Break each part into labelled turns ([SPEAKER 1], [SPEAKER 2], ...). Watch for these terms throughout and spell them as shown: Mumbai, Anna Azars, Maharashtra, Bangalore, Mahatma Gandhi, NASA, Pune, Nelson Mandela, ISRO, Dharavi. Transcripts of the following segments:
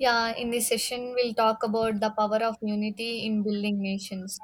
[SPEAKER 1] Yeah, in this session, we'll talk about the power of unity in building nations.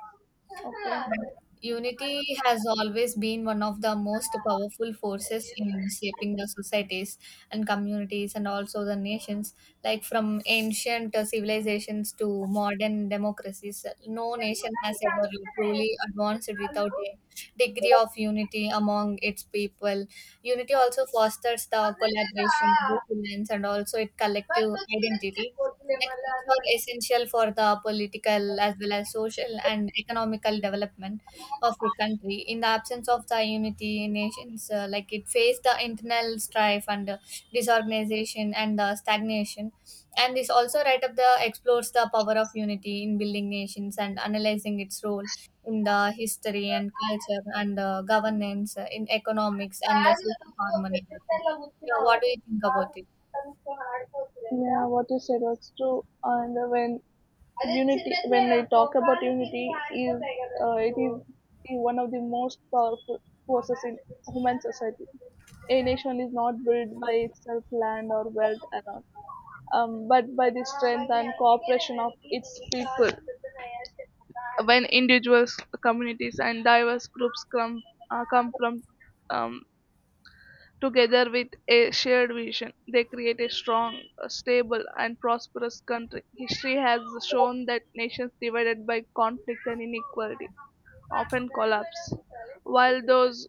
[SPEAKER 1] Unity has always been one of the most powerful forces in shaping the societies and communities and also the nations. Like from ancient civilizations to modern democracies, no nation has ever truly advanced without a degree of unity among its people. Unity also fosters the collaboration, resilience, and also a collective identity like which are essential for the political as well as social and economical development of a country. In the absence of the unity, nations like it face the internal strife and disorganization and the stagnation. And this also right up the explores the power of unity in building nations and analyzing its role in the history and culture and governance in economics and the
[SPEAKER 2] కాదు
[SPEAKER 1] social
[SPEAKER 2] నువ్వు
[SPEAKER 1] harmony also.
[SPEAKER 2] ప్రొఫెసర్‌లో
[SPEAKER 1] Yeah,
[SPEAKER 2] కూర్చున్నావు.
[SPEAKER 1] what do you think
[SPEAKER 2] కాదు
[SPEAKER 1] about it?
[SPEAKER 2] కూర్చొని ఆడిపోతులే కదా! Yeah, what you said was true. And when అదే unity, చిన్న when చిన్నదేరా we talk about కోపానికి దీనికి unity, చిన్న is ఆడిపోతాయి కదా it నువ్వు. Is one of the most powerful forces in human society. A nation is not built by itself, land or wealth alone, but by the strength and cooperation of its people. When individuals, communities, and diverse groups come from um, together with a shared vision, they create a strong, stable, and prosperous country. History has shown that nations divided by conflict and inequality often collapse, while those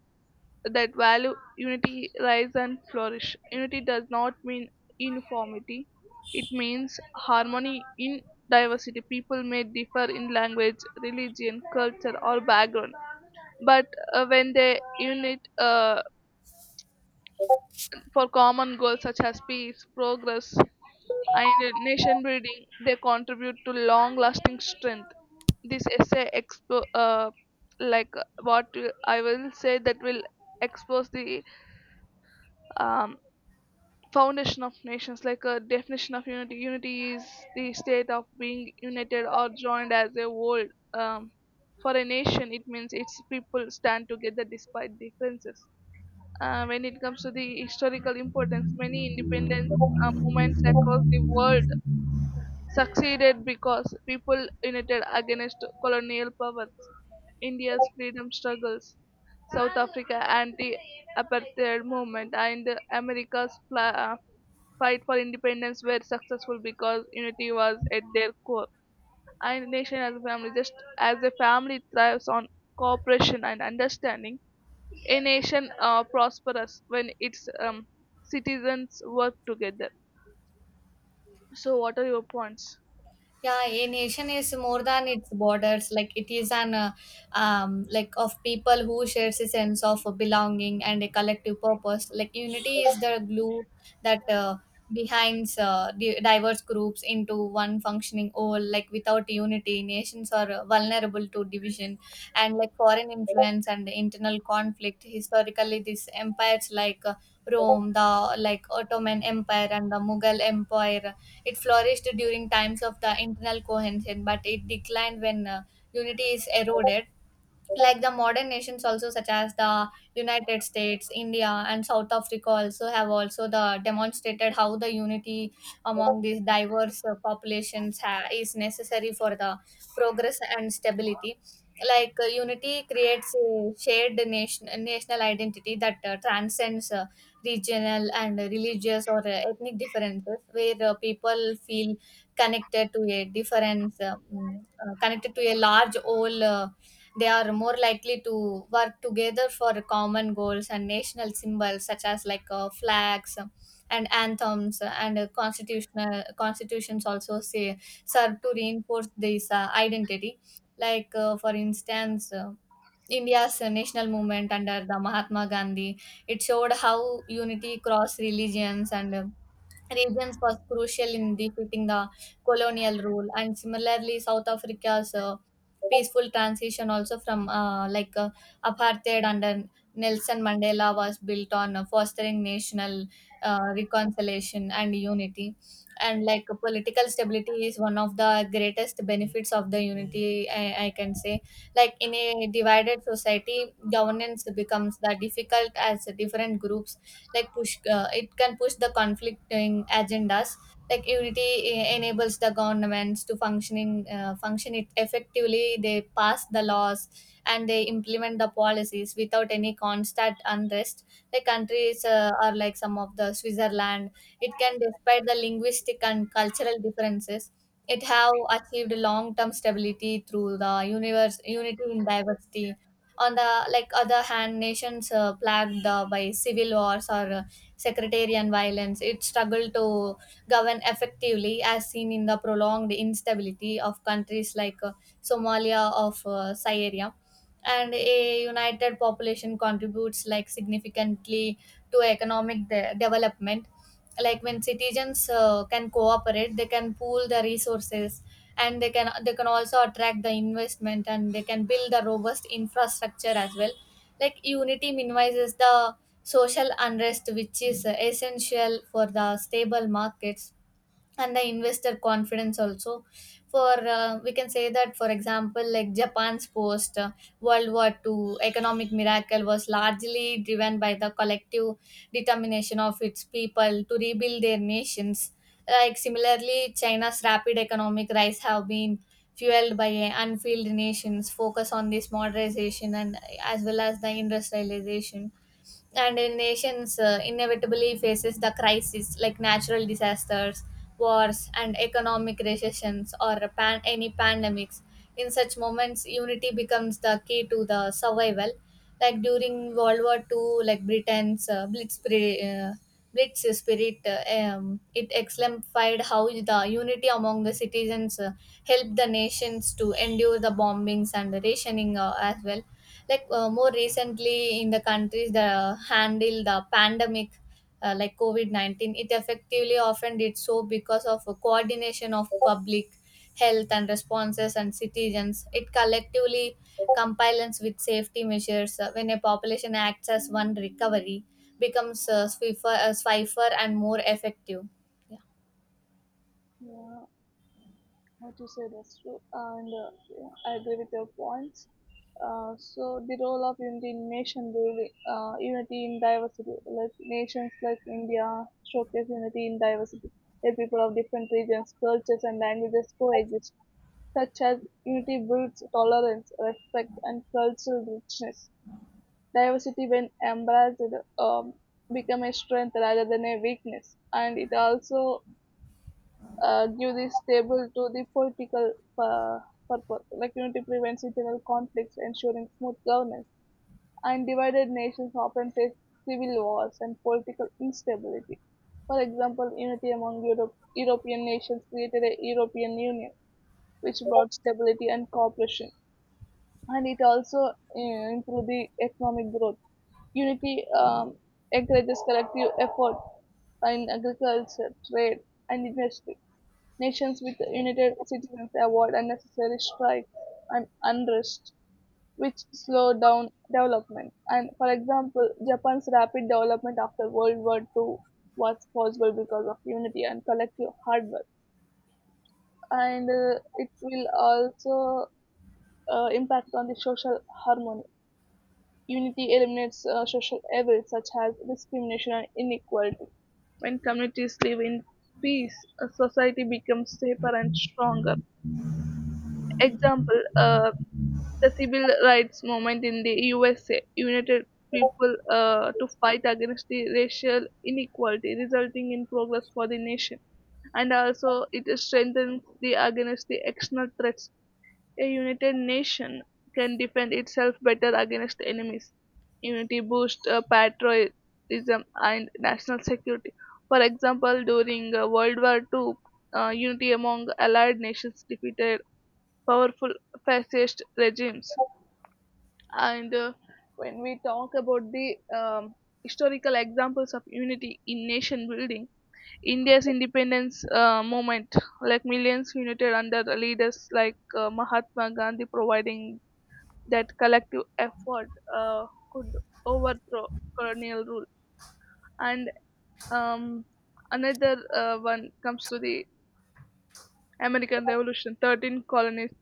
[SPEAKER 2] that value unity rise and flourish. Unity does not mean uniformity, it means harmony in diversity. People may differ in language, religion, culture, or background, but when they unite for common goals such as peace, progress, and nation building, they contribute to long lasting strength. This essay expo- like what I will say that will expose the um, foundation of nations, like a definition of unity. Unity is the state of being united or joined as a whole, um, for a nation it means its people stand together despite differences. When it comes to the historical importance, many independence movements across the world succeeded because people united against colonial powers. India's freedom struggles, South Africa anti apartheid movement, and America's fight for independence were successful because unity was at their core. Our nation as a family, just as a family thrives on cooperation and understanding, a nation prospers when its citizens work together. So, what are your points?
[SPEAKER 1] Yeah, a nation is more than its borders. Like it is an like of people who shares a sense of belonging and a collective purpose. Like unity is the glue that behinds diverse groups into one functioning whole. Like without unity, nations are vulnerable to division and like foreign influence and internal conflict. Historically, these empires like Rome, the like Ottoman Empire and the Mughal Empire it flourished during times of the internal cohesion, but it declined when unity is eroded. Like the modern nations also such as the United States, India, and South Africa also have also the demonstrated how the unity among these diverse populations is necessary for the progress and stability. Like unity creates a shared nation national identity that transcends regional and religious or ethnic differences. Where people feel connected to a connected to a large whole, they are more likely to work together for common goals, and national symbols such as like flags and anthems and constitutional constitutions also say serve to reinforce this identity. Like for instance, India's national movement under the Mahatma Gandhi, it showed how unity cross religions and regions was crucial in defeating the colonial rule. And similarly, South Africa's peaceful transition also from apartheid under Nelson Mandela was built on fostering national reconciliation and unity. And like political stability is one of the greatest benefits of the unity, I can say. Like in a divided society, governance becomes the difficult as different groups like push it can push the conflicting agendas. Like unity enables the governments to function it effectively. They pass the laws and they implement the policies without any constant unrest. The countries are like some of the Switzerland, it can, despite the linguistic and cultural differences, it have achieved long term stability through the universe unity in diversity. On the like other hand, nations plagued by civil wars or sectarian violence, it struggled to govern effectively, as seen in the prolonged instability of countries like Somalia of Syria. And a united population contributes like significantly to economic development. Like when citizens can cooperate, they can pool the resources, and they can also attract the investment and they can build a robust infrastructure as well. Like unity minimizes the social unrest, which is essential for the stable markets and the investor confidence also. For we can say that, for example, like Japan's post World War II economic miracle was largely driven by the collective determination of its people to rebuild their nations. Like similarly, China's rapid economic rise have been fueled by a unfilled nations focus on this modernization and as well as the industrialization. And in nations inevitably faces the crisis like natural disasters, wars, and economic recessions, or any pandemics. In such moments, unity becomes the key to the survival. Like during World War II, like Britain's blitz spirit, it exemplified how the unity among the citizens helped the nations to endure the bombings and the rationing as well. Like more recently, in the countries that handle the pandemic like covid-19, it effectively often did so because of a coordination of public health and responses, and citizens it collectively compliance with safety measures. When a population acts as one, recovery becomes swiffer and more effective.
[SPEAKER 2] Yeah. What you said is true, and yeah, I agree with your points. So the role of unity in nation building, unity in diversity, like nations like India showcase unity in diversity, where people of different regions, cultures, and languages coexist. Such as unity builds tolerance, respect, and cultural richness. Diversity, when embraced, um, become a strength rather than a weakness, and it also give this table to the political uh, purpose, like unity prevents internal conflicts, ensuring smooth governance. And divided nations often face civil wars and political instability. For example, unity among Europe, European nations created a European Union, which brought stability and cooperation, and it also improved the economic growth. Unity encourages collective effort in agriculture, trade, and industry. Nations with the united citizens avoid unnecessary strikes and unrest, which slow down development. And for example, Japan's rapid development after World War II was possible because of unity and collective hard work. And it will also impact on the social harmony. Unity eliminates social evil such as discrimination and inequality. When communities live in peace, a society becomes safer and stronger. Example, the civil rights movement in the USA united people to fight against the racial inequality, resulting in progress for the nation. And also, it strengthens the against the external threats. A united nation can defend itself better against enemies. Unity boosts patriotism and national security. For example, during World War II, unity among allied nations defeated powerful fascist regimes. And when we talk about the historical examples of unity in nation building, India's independence movement, like millions united under the leaders like Mahatma Gandhi, providing that collective effort uh, could overthrow colonial rule. And um, another one comes to the American Revolution. 13 colonies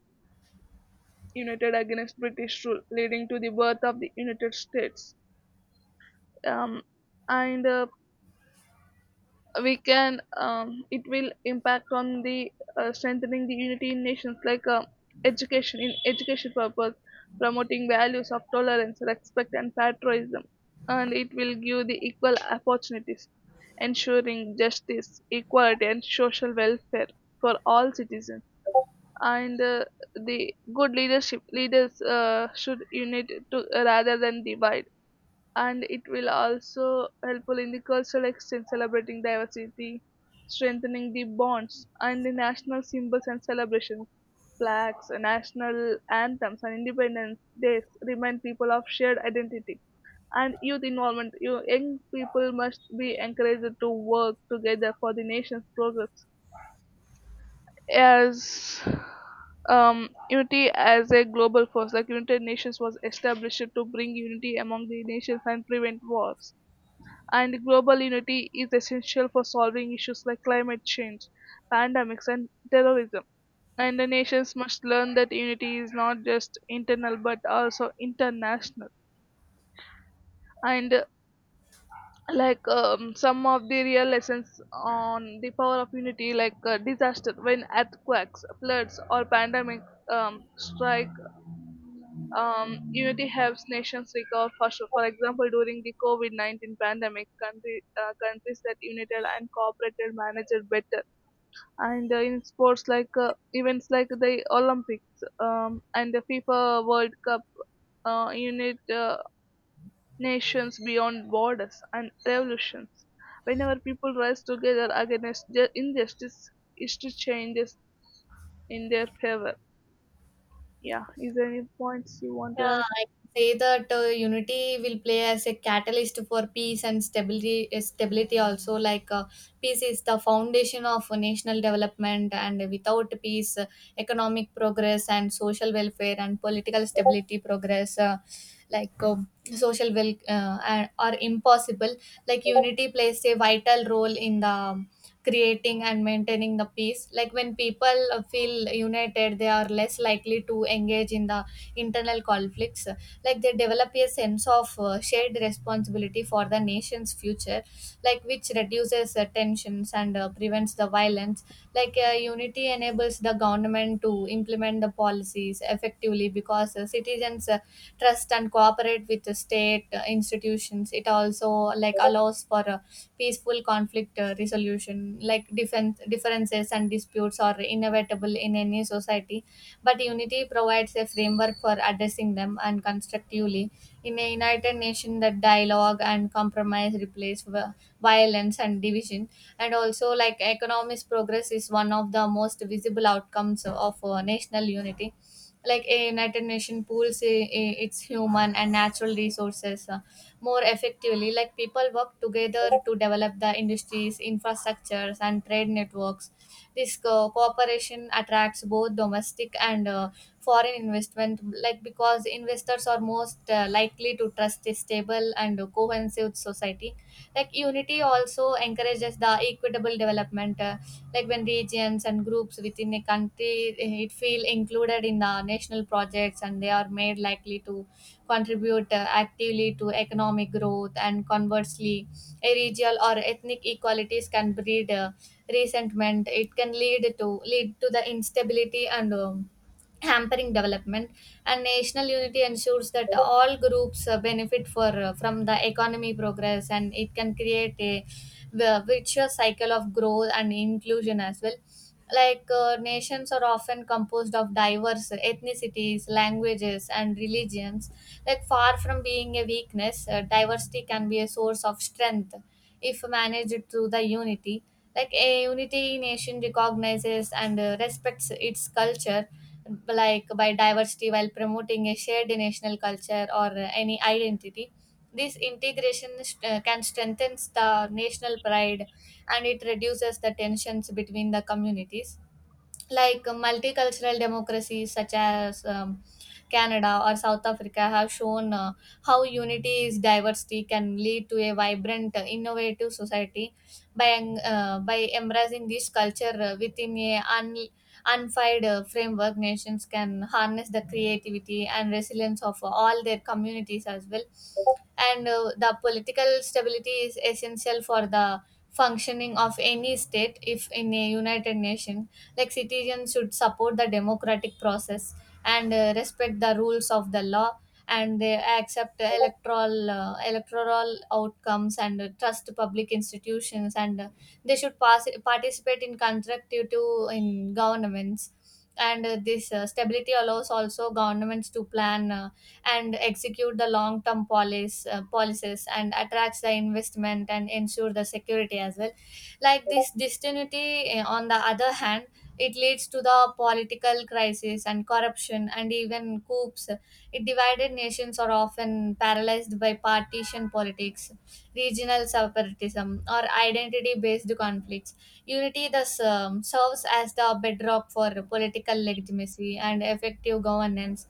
[SPEAKER 2] united against British rule, leading to the birth of the United States. Um, and We can, it will impact on the strengthening the unity in nations like education. In education purpose, promoting values of tolerance, respect, and patriotism, and it will give the equal opportunities, ensuring justice, equality, and social welfare for all citizens. And The good leadership leaders should unite to rather than divide, and it will also helpful in the cultural exchange, celebrating diversity, strengthening the bonds, and the national symbols and celebrations, flags, national anthems, and independence days remind people of shared identity. And youth involvement, you young people must be encouraged to work together for the nation's progress. As Unity as a global force, like United Nations was established to bring unity among the nations and prevent wars. And global unity is essential for solving issues like climate change, pandemics, and terrorism. And the nations must learn that unity is not just internal but also international. And some of the real lessons on the power of unity, like disaster, when earthquakes, floods, or pandemic strike, unity helps nations recover faster. For example, during the covid-19 pandemic, countries that united and cooperated managed better. And in sports like events like the Olympics, and the FIFA World Cup, unit nations beyond borders, and revolutions. Whenever people rise together against injustice, history changes in their favor. Yeah, is there any points you want to
[SPEAKER 1] Yeah,
[SPEAKER 2] add?
[SPEAKER 1] I can say that unity will play as a catalyst for peace and stability. Stability also, like peace is the foundation of national development, and without peace, economic progress and social welfare and political stability progress, like uh, social are impossible. Like unity plays a vital role in the um, creating and maintaining the peace. Like when people feel united, they are less likely to engage in the internal conflicts, like they develop a sense of shared responsibility for the nation's future, like which reduces tensions and prevents the violence. Like unity enables the government to implement the policies effectively, because citizens trust and cooperate with the state institutions. It also like allows for a peaceful conflict resolution. Like defense differences and disputes are inevitable in any society, but unity provides a framework for addressing them and constructively. In a united nation, that dialogue and compromise replace violence and division. And also, like economic progress is one of the most visible outcomes of national unity. Like a united nation pools its human and natural resources more effectively. Like people work together to develop the industries, infrastructures, and trade networks. This cooperation attracts both domestic and foreign investment, like because investors are most likely to trust a stable and cohesive society. Like unity also encourages the equitable development, like when regions and groups within a country it feel included in the national projects, and they are made likely to contribute actively to economic growth. And conversely, a regional or ethnic equalities can breed resentment. It can lead to the instability and hampering development. And national unity ensures that all groups benefit for from the economy progress, and it can create a virtuous cycle of growth and inclusion as well. Like nations are often composed of diverse ethnicities, languages, and religions. Like far from being a weakness, diversity can be a source of strength if managed through the unity. Like a unity nation recognizes and respects its culture, like by diversity, while promoting a shared national culture or any identity. This integration can strengthen the national pride, and it reduces the tensions between the communities. Like multicultural democracies such as Canada or South Africa have shown how unity is diversity can lead to a vibrant, innovative society by by embracing this culture within a unified framework. Nations can harness the creativity and resilience of all their communities as well. And the political stability is essential for the functioning of any state. If in a united nation, like citizens should support the democratic process and respect the rules of the law, and they accept the electoral outcomes, and trust public institutions, and they should participate in constructive to in governments. And this stability allows also governments to plan and execute the long term policies, and attracts the investment and ensure the security as well. Like this distinity on the other hand, it leads to the political crisis and corruption and even coups. It divided nations are often paralyzed by partition politics, regional separatism, or identity based conflicts. Unity thus serves as the bedrock for political legitimacy and effective governance.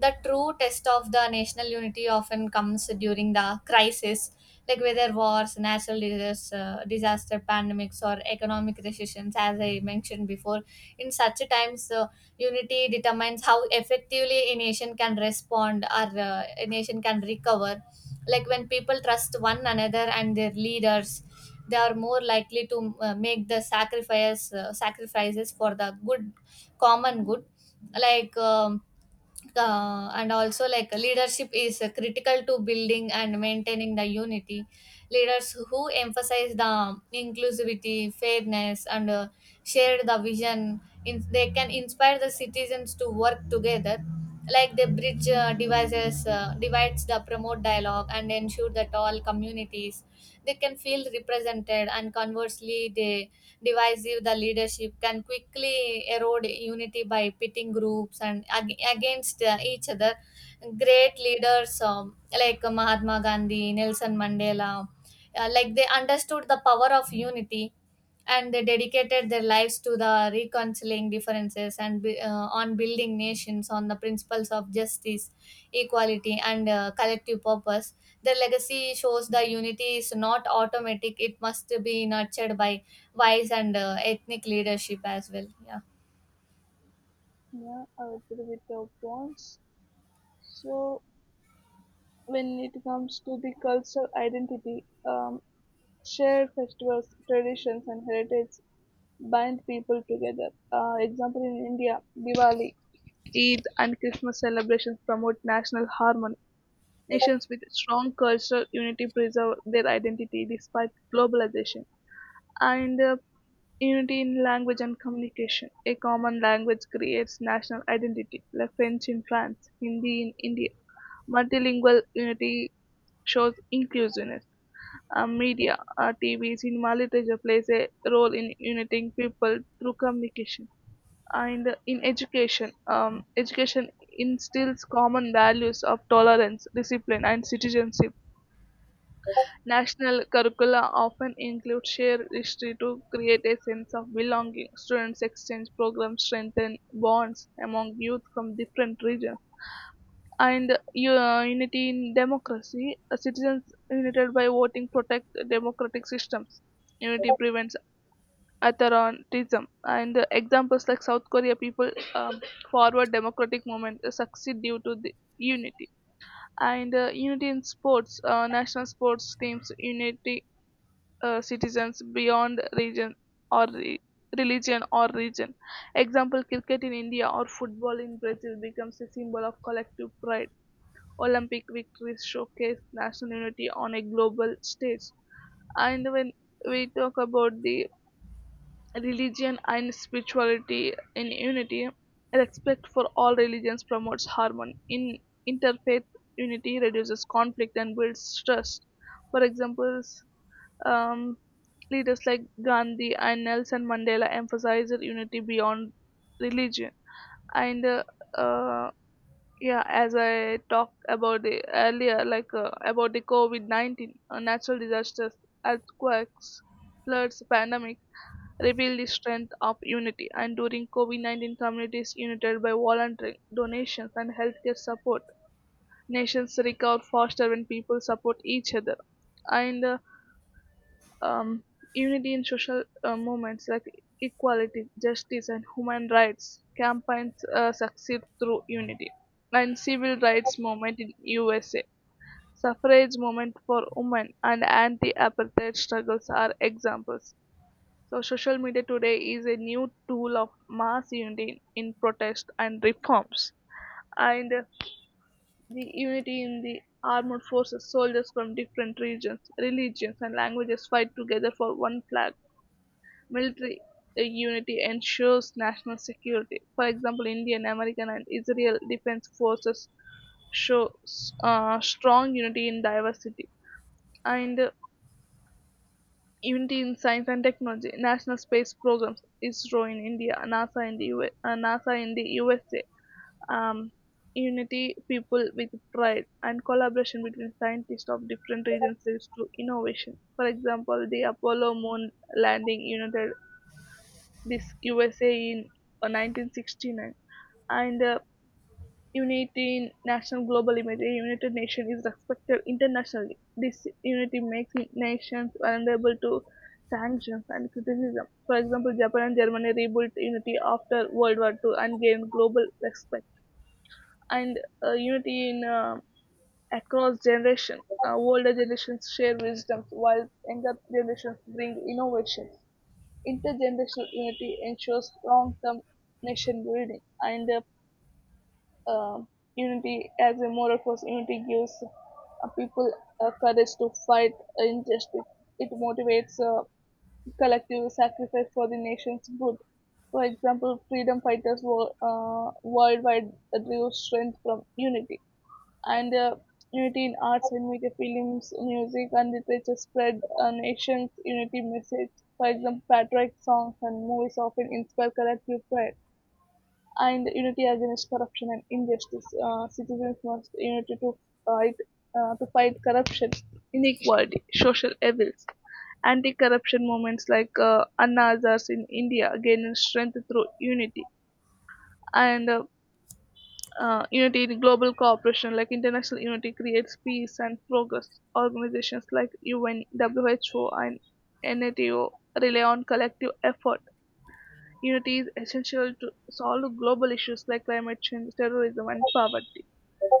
[SPEAKER 1] The true test of the national unity often comes during the crisis, like whether wars, natural disaster pandemics, or economic recessions, as I mentioned before. In such times, unity determines how effectively a nation can respond, or a nation can recover. Like when people trust one another and their leaders, they are more likely to make the sacrifices for the good common good. Like and Also, like, leadership is critical to building and maintaining the unity. Leaders who emphasize the inclusivity, fairness, and share the vision in, they can inspire the citizens to work together, like they bridge devices divides, the promote dialogue, and ensure that all communities they can feel represented. And conversely, they divisive the leadership can quickly erode unity by pitting groups against each other. Great leaders, like Mahatma Gandhi, Nelson Mandela, like they understood the power of unity, and they dedicated their lives to the reconciling differences and on building nations on the principles of justice, equality, and collective purpose. Their legacy shows the unity is not automatic, it must be nurtured by vice and ethnic leadership as well. Yeah.
[SPEAKER 2] Yeah, I will put with your points. So, when it comes to the cultural identity, shared festivals, traditions, and heritage bind people together. Example in India, Diwali, Eid, and Christmas celebrations promote national harmony. Nations with strong cultural unity preserve their identity despite globalization. And unity in language and communication. A common language creates national identity, like French in France, Hindi in India. Multilingual unity shows inclusiveness. Media, TV, cinema, literature plays a role in uniting people through communication. And in education, education instills common values of tolerance, discipline, and citizenship. National curricula often include shared history to create a sense of belonging. Students exchange programs strengthen bonds among youth from different regions. And unity in democracy. Citizens united by voting protect democratic systems. Unity prevents authoritarianism. And examples like South Korea people forward democratic movement succeed due to the unity. And unity in sports, national sports teams unity citizens beyond region or religion or region. Example, cricket in India or football in Brazil becomes a symbol of collective pride. Olympic victories showcase national unity on a global stage. And when we talk about the religion and spirituality in unity, respect for all religions promotes harmony. In interfaith, unity reduces conflict and builds trust. For examples, um, leaders like Gandhi and Nelson Mandela emphasized unity beyond religion. And uh, yeah, as I talked about the earlier, like about the COVID 19, natural disasters, earthquakes, floods, pandemic, reveal the strength of unity. And during COVID 19, communities united by volunteering, donations, and healthcare support. Nations recover faster when people support each other. And um, Unity in social movements like equality, justice, and human rights campaigns succeed through unity, and civil rights movement in USA, suffrage movement for women, and anti-apartheid struggles are examples. So, social media today is a new tool of mass unity in protest and reforms. And The unity in the armed forces, soldiers from different regions, religions, and languages fight together for one flag. Military unity ensures national security. For example, Indian, American, and Israel defense forces show strong unity in diversity. And unity in science and technology. National space programs, ISRO in India, NASA in the US, NASA in the USA. Um, Unity people with pride and collaboration between scientists of different regions leads to innovation. For example, the Apollo moon landing united this USA in 1969. And Unity in national global image. A united nation is respected internationally. This unity makes nations vulnerable to sanctions and criticism. For example, Japan and Germany rebuilt unity after World War II and gained global respect. And unity in across generation. Older generations share wisdom while younger generations bring innovation. Intergenerational unity ensures long-term nation-building. And uh, Unity as a moral force. Unity gives people courage to fight injustice. It motivates collective sacrifice for the nation's good. For example, freedom fighters worldwide drew strength from unity. And Unity in arts, when we get films, music, and literature spread a nation's unity message. For example, patriotic songs and movies often inspire collective pride, and unity against corruption and injustice. Citizens must unite to fight corruption, inequality, social evils. Anti-corruption movements like Anna Azars in India gain strength through unity. And Unity in global cooperation, like international unity, creates peace and progress. Organizations like UN, WHO, and NATO rely on collective effort. Unity is essential to solve global issues like climate change, terrorism, and poverty.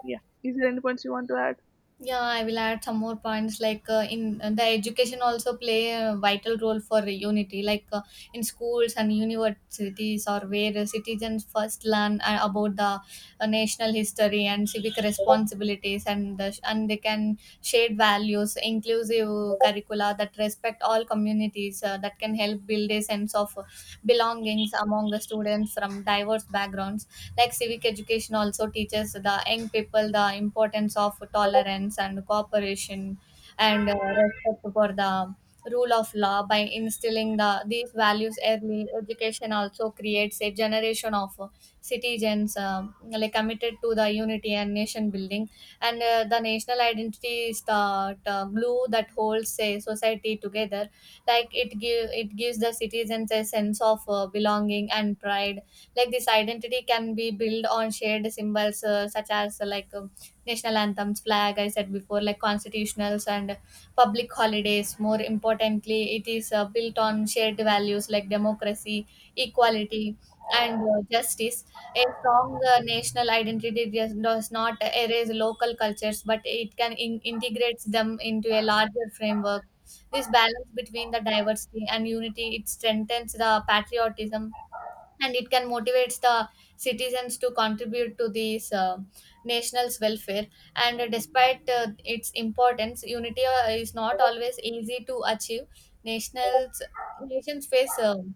[SPEAKER 2] Yeah. Is there any points you want to add?
[SPEAKER 1] Yeah, I will add some more points, like in the education also play a vital role for unity, like in schools and universities, or where citizens first learn about the national history and civic responsibilities, and they can shared values, inclusive curricula that respect all communities that can help build a sense of belongings among the students from diverse backgrounds. Like civic education also teaches the young people the importance of tolerance and cooperation, and respect for the rule of law. By instilling these values, early education also creates a generation of citizens like committed to the unity and nation building. And the national identity is the glue that holds a society together, like it gives the citizens a sense of belonging and pride. Like this identity can be built on shared symbols, such as like national anthems, flag, I said before, like constitutionals and public holidays. More importantly, it is built on shared values like democracy, equality, and justice. A strong national identity does not erase local cultures, but it can integrates them into a larger framework. This balance between the diversity and unity, it strengthens the patriotism, and it can motivate the citizens to contribute to these national's welfare. And despite its importance, unity is not always easy to achieve. Nationals Nations face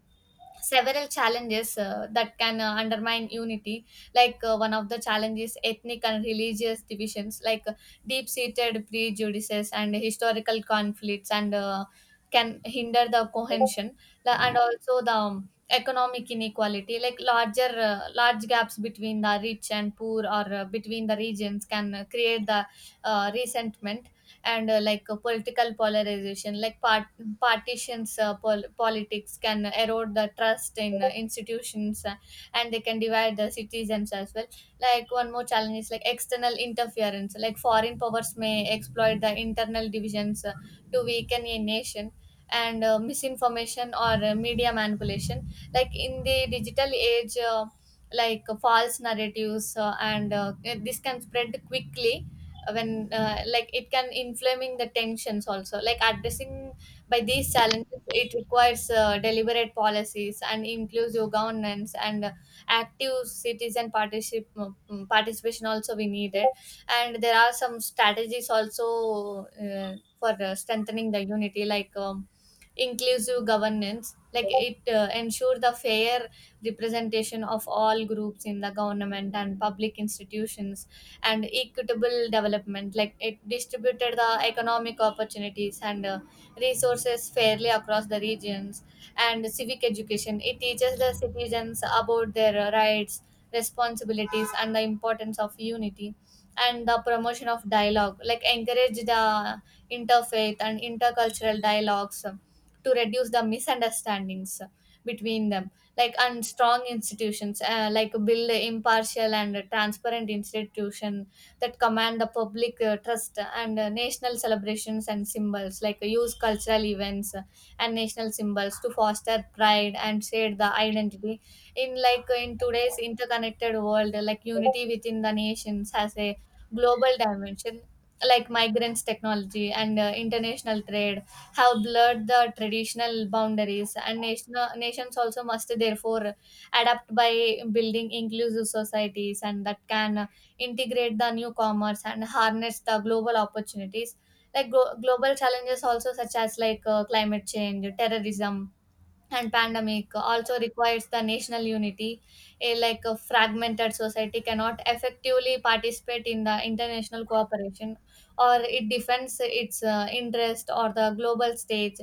[SPEAKER 1] several challenges that can undermine unity. Like one of the challenges, ethnic and religious divisions, like deep seated prejudices and historical conflicts, and can hinder the cohesion. And also the, economic inequality, like large gaps between the rich and poor, or between the regions, can create the resentment. And political polarization, like partitions politics can erode the trust in institutions, and they can divide the citizens as well. Like one more challenge is like external interference, like foreign powers may exploit the internal divisions to weaken a nation. And misinformation or media manipulation, like in the digital age, false narratives and this can spread quickly. When like It can inflaming the tensions also. Like addressing by these challenges, it requires deliberate policies and inclusive governance, and active citizen participation also we needed. And there are some strategies also for strengthening the unity, like, inclusive governance, like it ensure the fair representation of all groups in the government and public institutions. And equitable development, like it distributed the economic opportunities and resources fairly across the regions. And civic education, it teaches the citizens about their rights, responsibilities, and the importance of unity. And the promotion of dialogue, like encourage the interfaith and intercultural dialogues to reduce the misunderstandings between them. And strong institutions, like build a impartial and a transparent institution that command the public trust. And national celebrations and symbols, like use cultural events and national symbols to foster pride and share the identity. In like in today's interconnected world, like unity within the nations has a global dimension. Like migrants, technology, and international trade have blurred the traditional boundaries, and national nations also must therefore adapt by building inclusive societies, and that can integrate the new commerce and harness the global opportunities. Like global challenges also, such as like climate change, terrorism, and pandemic, also requires the national unity. A Like a fragmented society cannot effectively participate in the international cooperation, or it defends its interest or the global stage.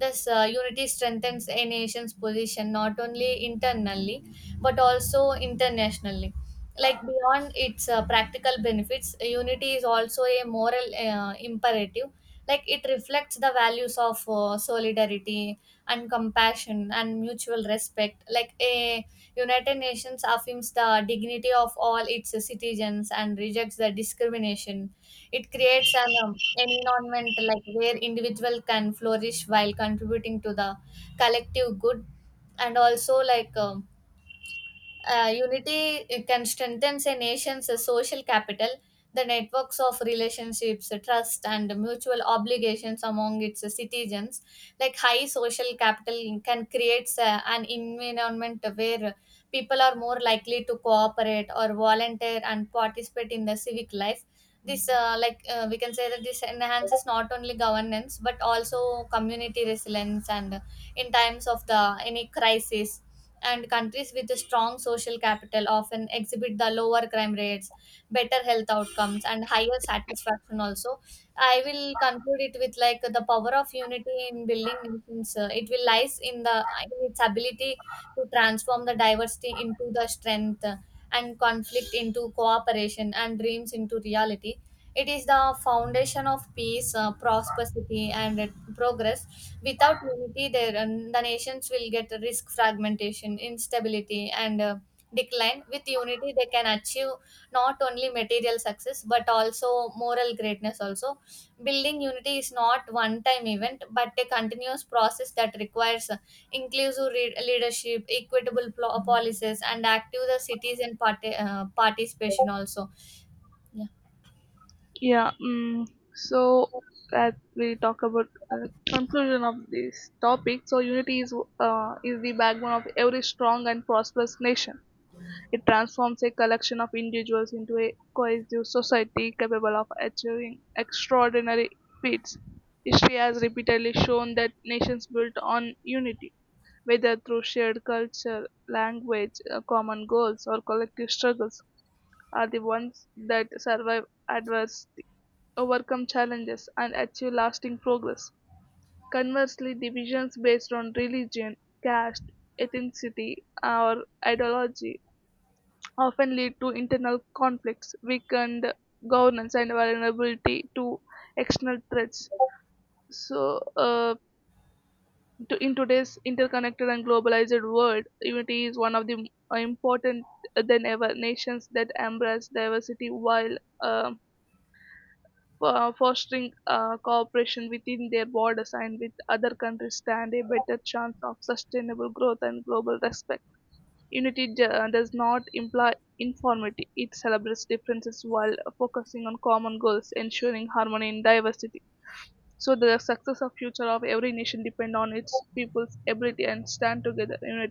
[SPEAKER 1] Thus, unity strengthens a nation's position, not only internally, but also internationally. Like beyond its practical benefits, unity is also a moral imperative. Like it reflects the values of solidarity, and compassion, and mutual respect. Like a United Nations affirms the dignity of all its citizens and rejects the discrimination. It creates an environment like where individual can flourish while contributing to the collective good. And also, unity, it can strengthen a nation's social capital, the networks of relationships, trust, and mutual obligations among its citizens. Like high social capital can create an environment where people are more likely to cooperate, or volunteer, and participate in the civic life. This like We can say that this enhances not only governance, but also community resilience, and in times of the any crisis. And countries with a strong social capital often exhibit the lower crime rates, better health outcomes, and higher satisfaction also. I will conclude it with like the power of unity in building nations, it will lies in the in its ability to transform the diversity into the strength, and conflict into cooperation, and dreams into reality. It is the foundation of peace, prosperity, and progress. Without unity, there the nations will get risk fragmentation, instability, and decline. With unity, they can achieve not only material success but also moral greatness. Also, building unity is not one-time event but a continuous process that requires leadership, equitable policies, and active the citizen participation. Also, yeah.
[SPEAKER 2] Yeah. So as we talk about conclusion of this topic. So unity is the backbone of every strong and prosperous nation. It transforms a collection of individuals into a cohesive society capable of achieving extraordinary feats. History has repeatedly shown that nations built on unity, whether through shared culture, language, common goals, or collective struggles, are the ones that survive adversity, overcome challenges, and achieve lasting progress. Conversely, divisions based on religion, caste, ethnicity, or ideology often lead to internal conflicts, weakened governance, and vulnerability to external threats. So, uh, in today's interconnected and globalized world, unity is one of the important than ever. Nations that embrace diversity while um, fostering cooperation within their borders and with other countries stand a better chance of sustainable growth and global respect. Unity does not imply uniformity; it celebrates differences while focusing on common goals, ensuring harmony in diversity. So the success of future of every nation depend on its people's ability and stand together in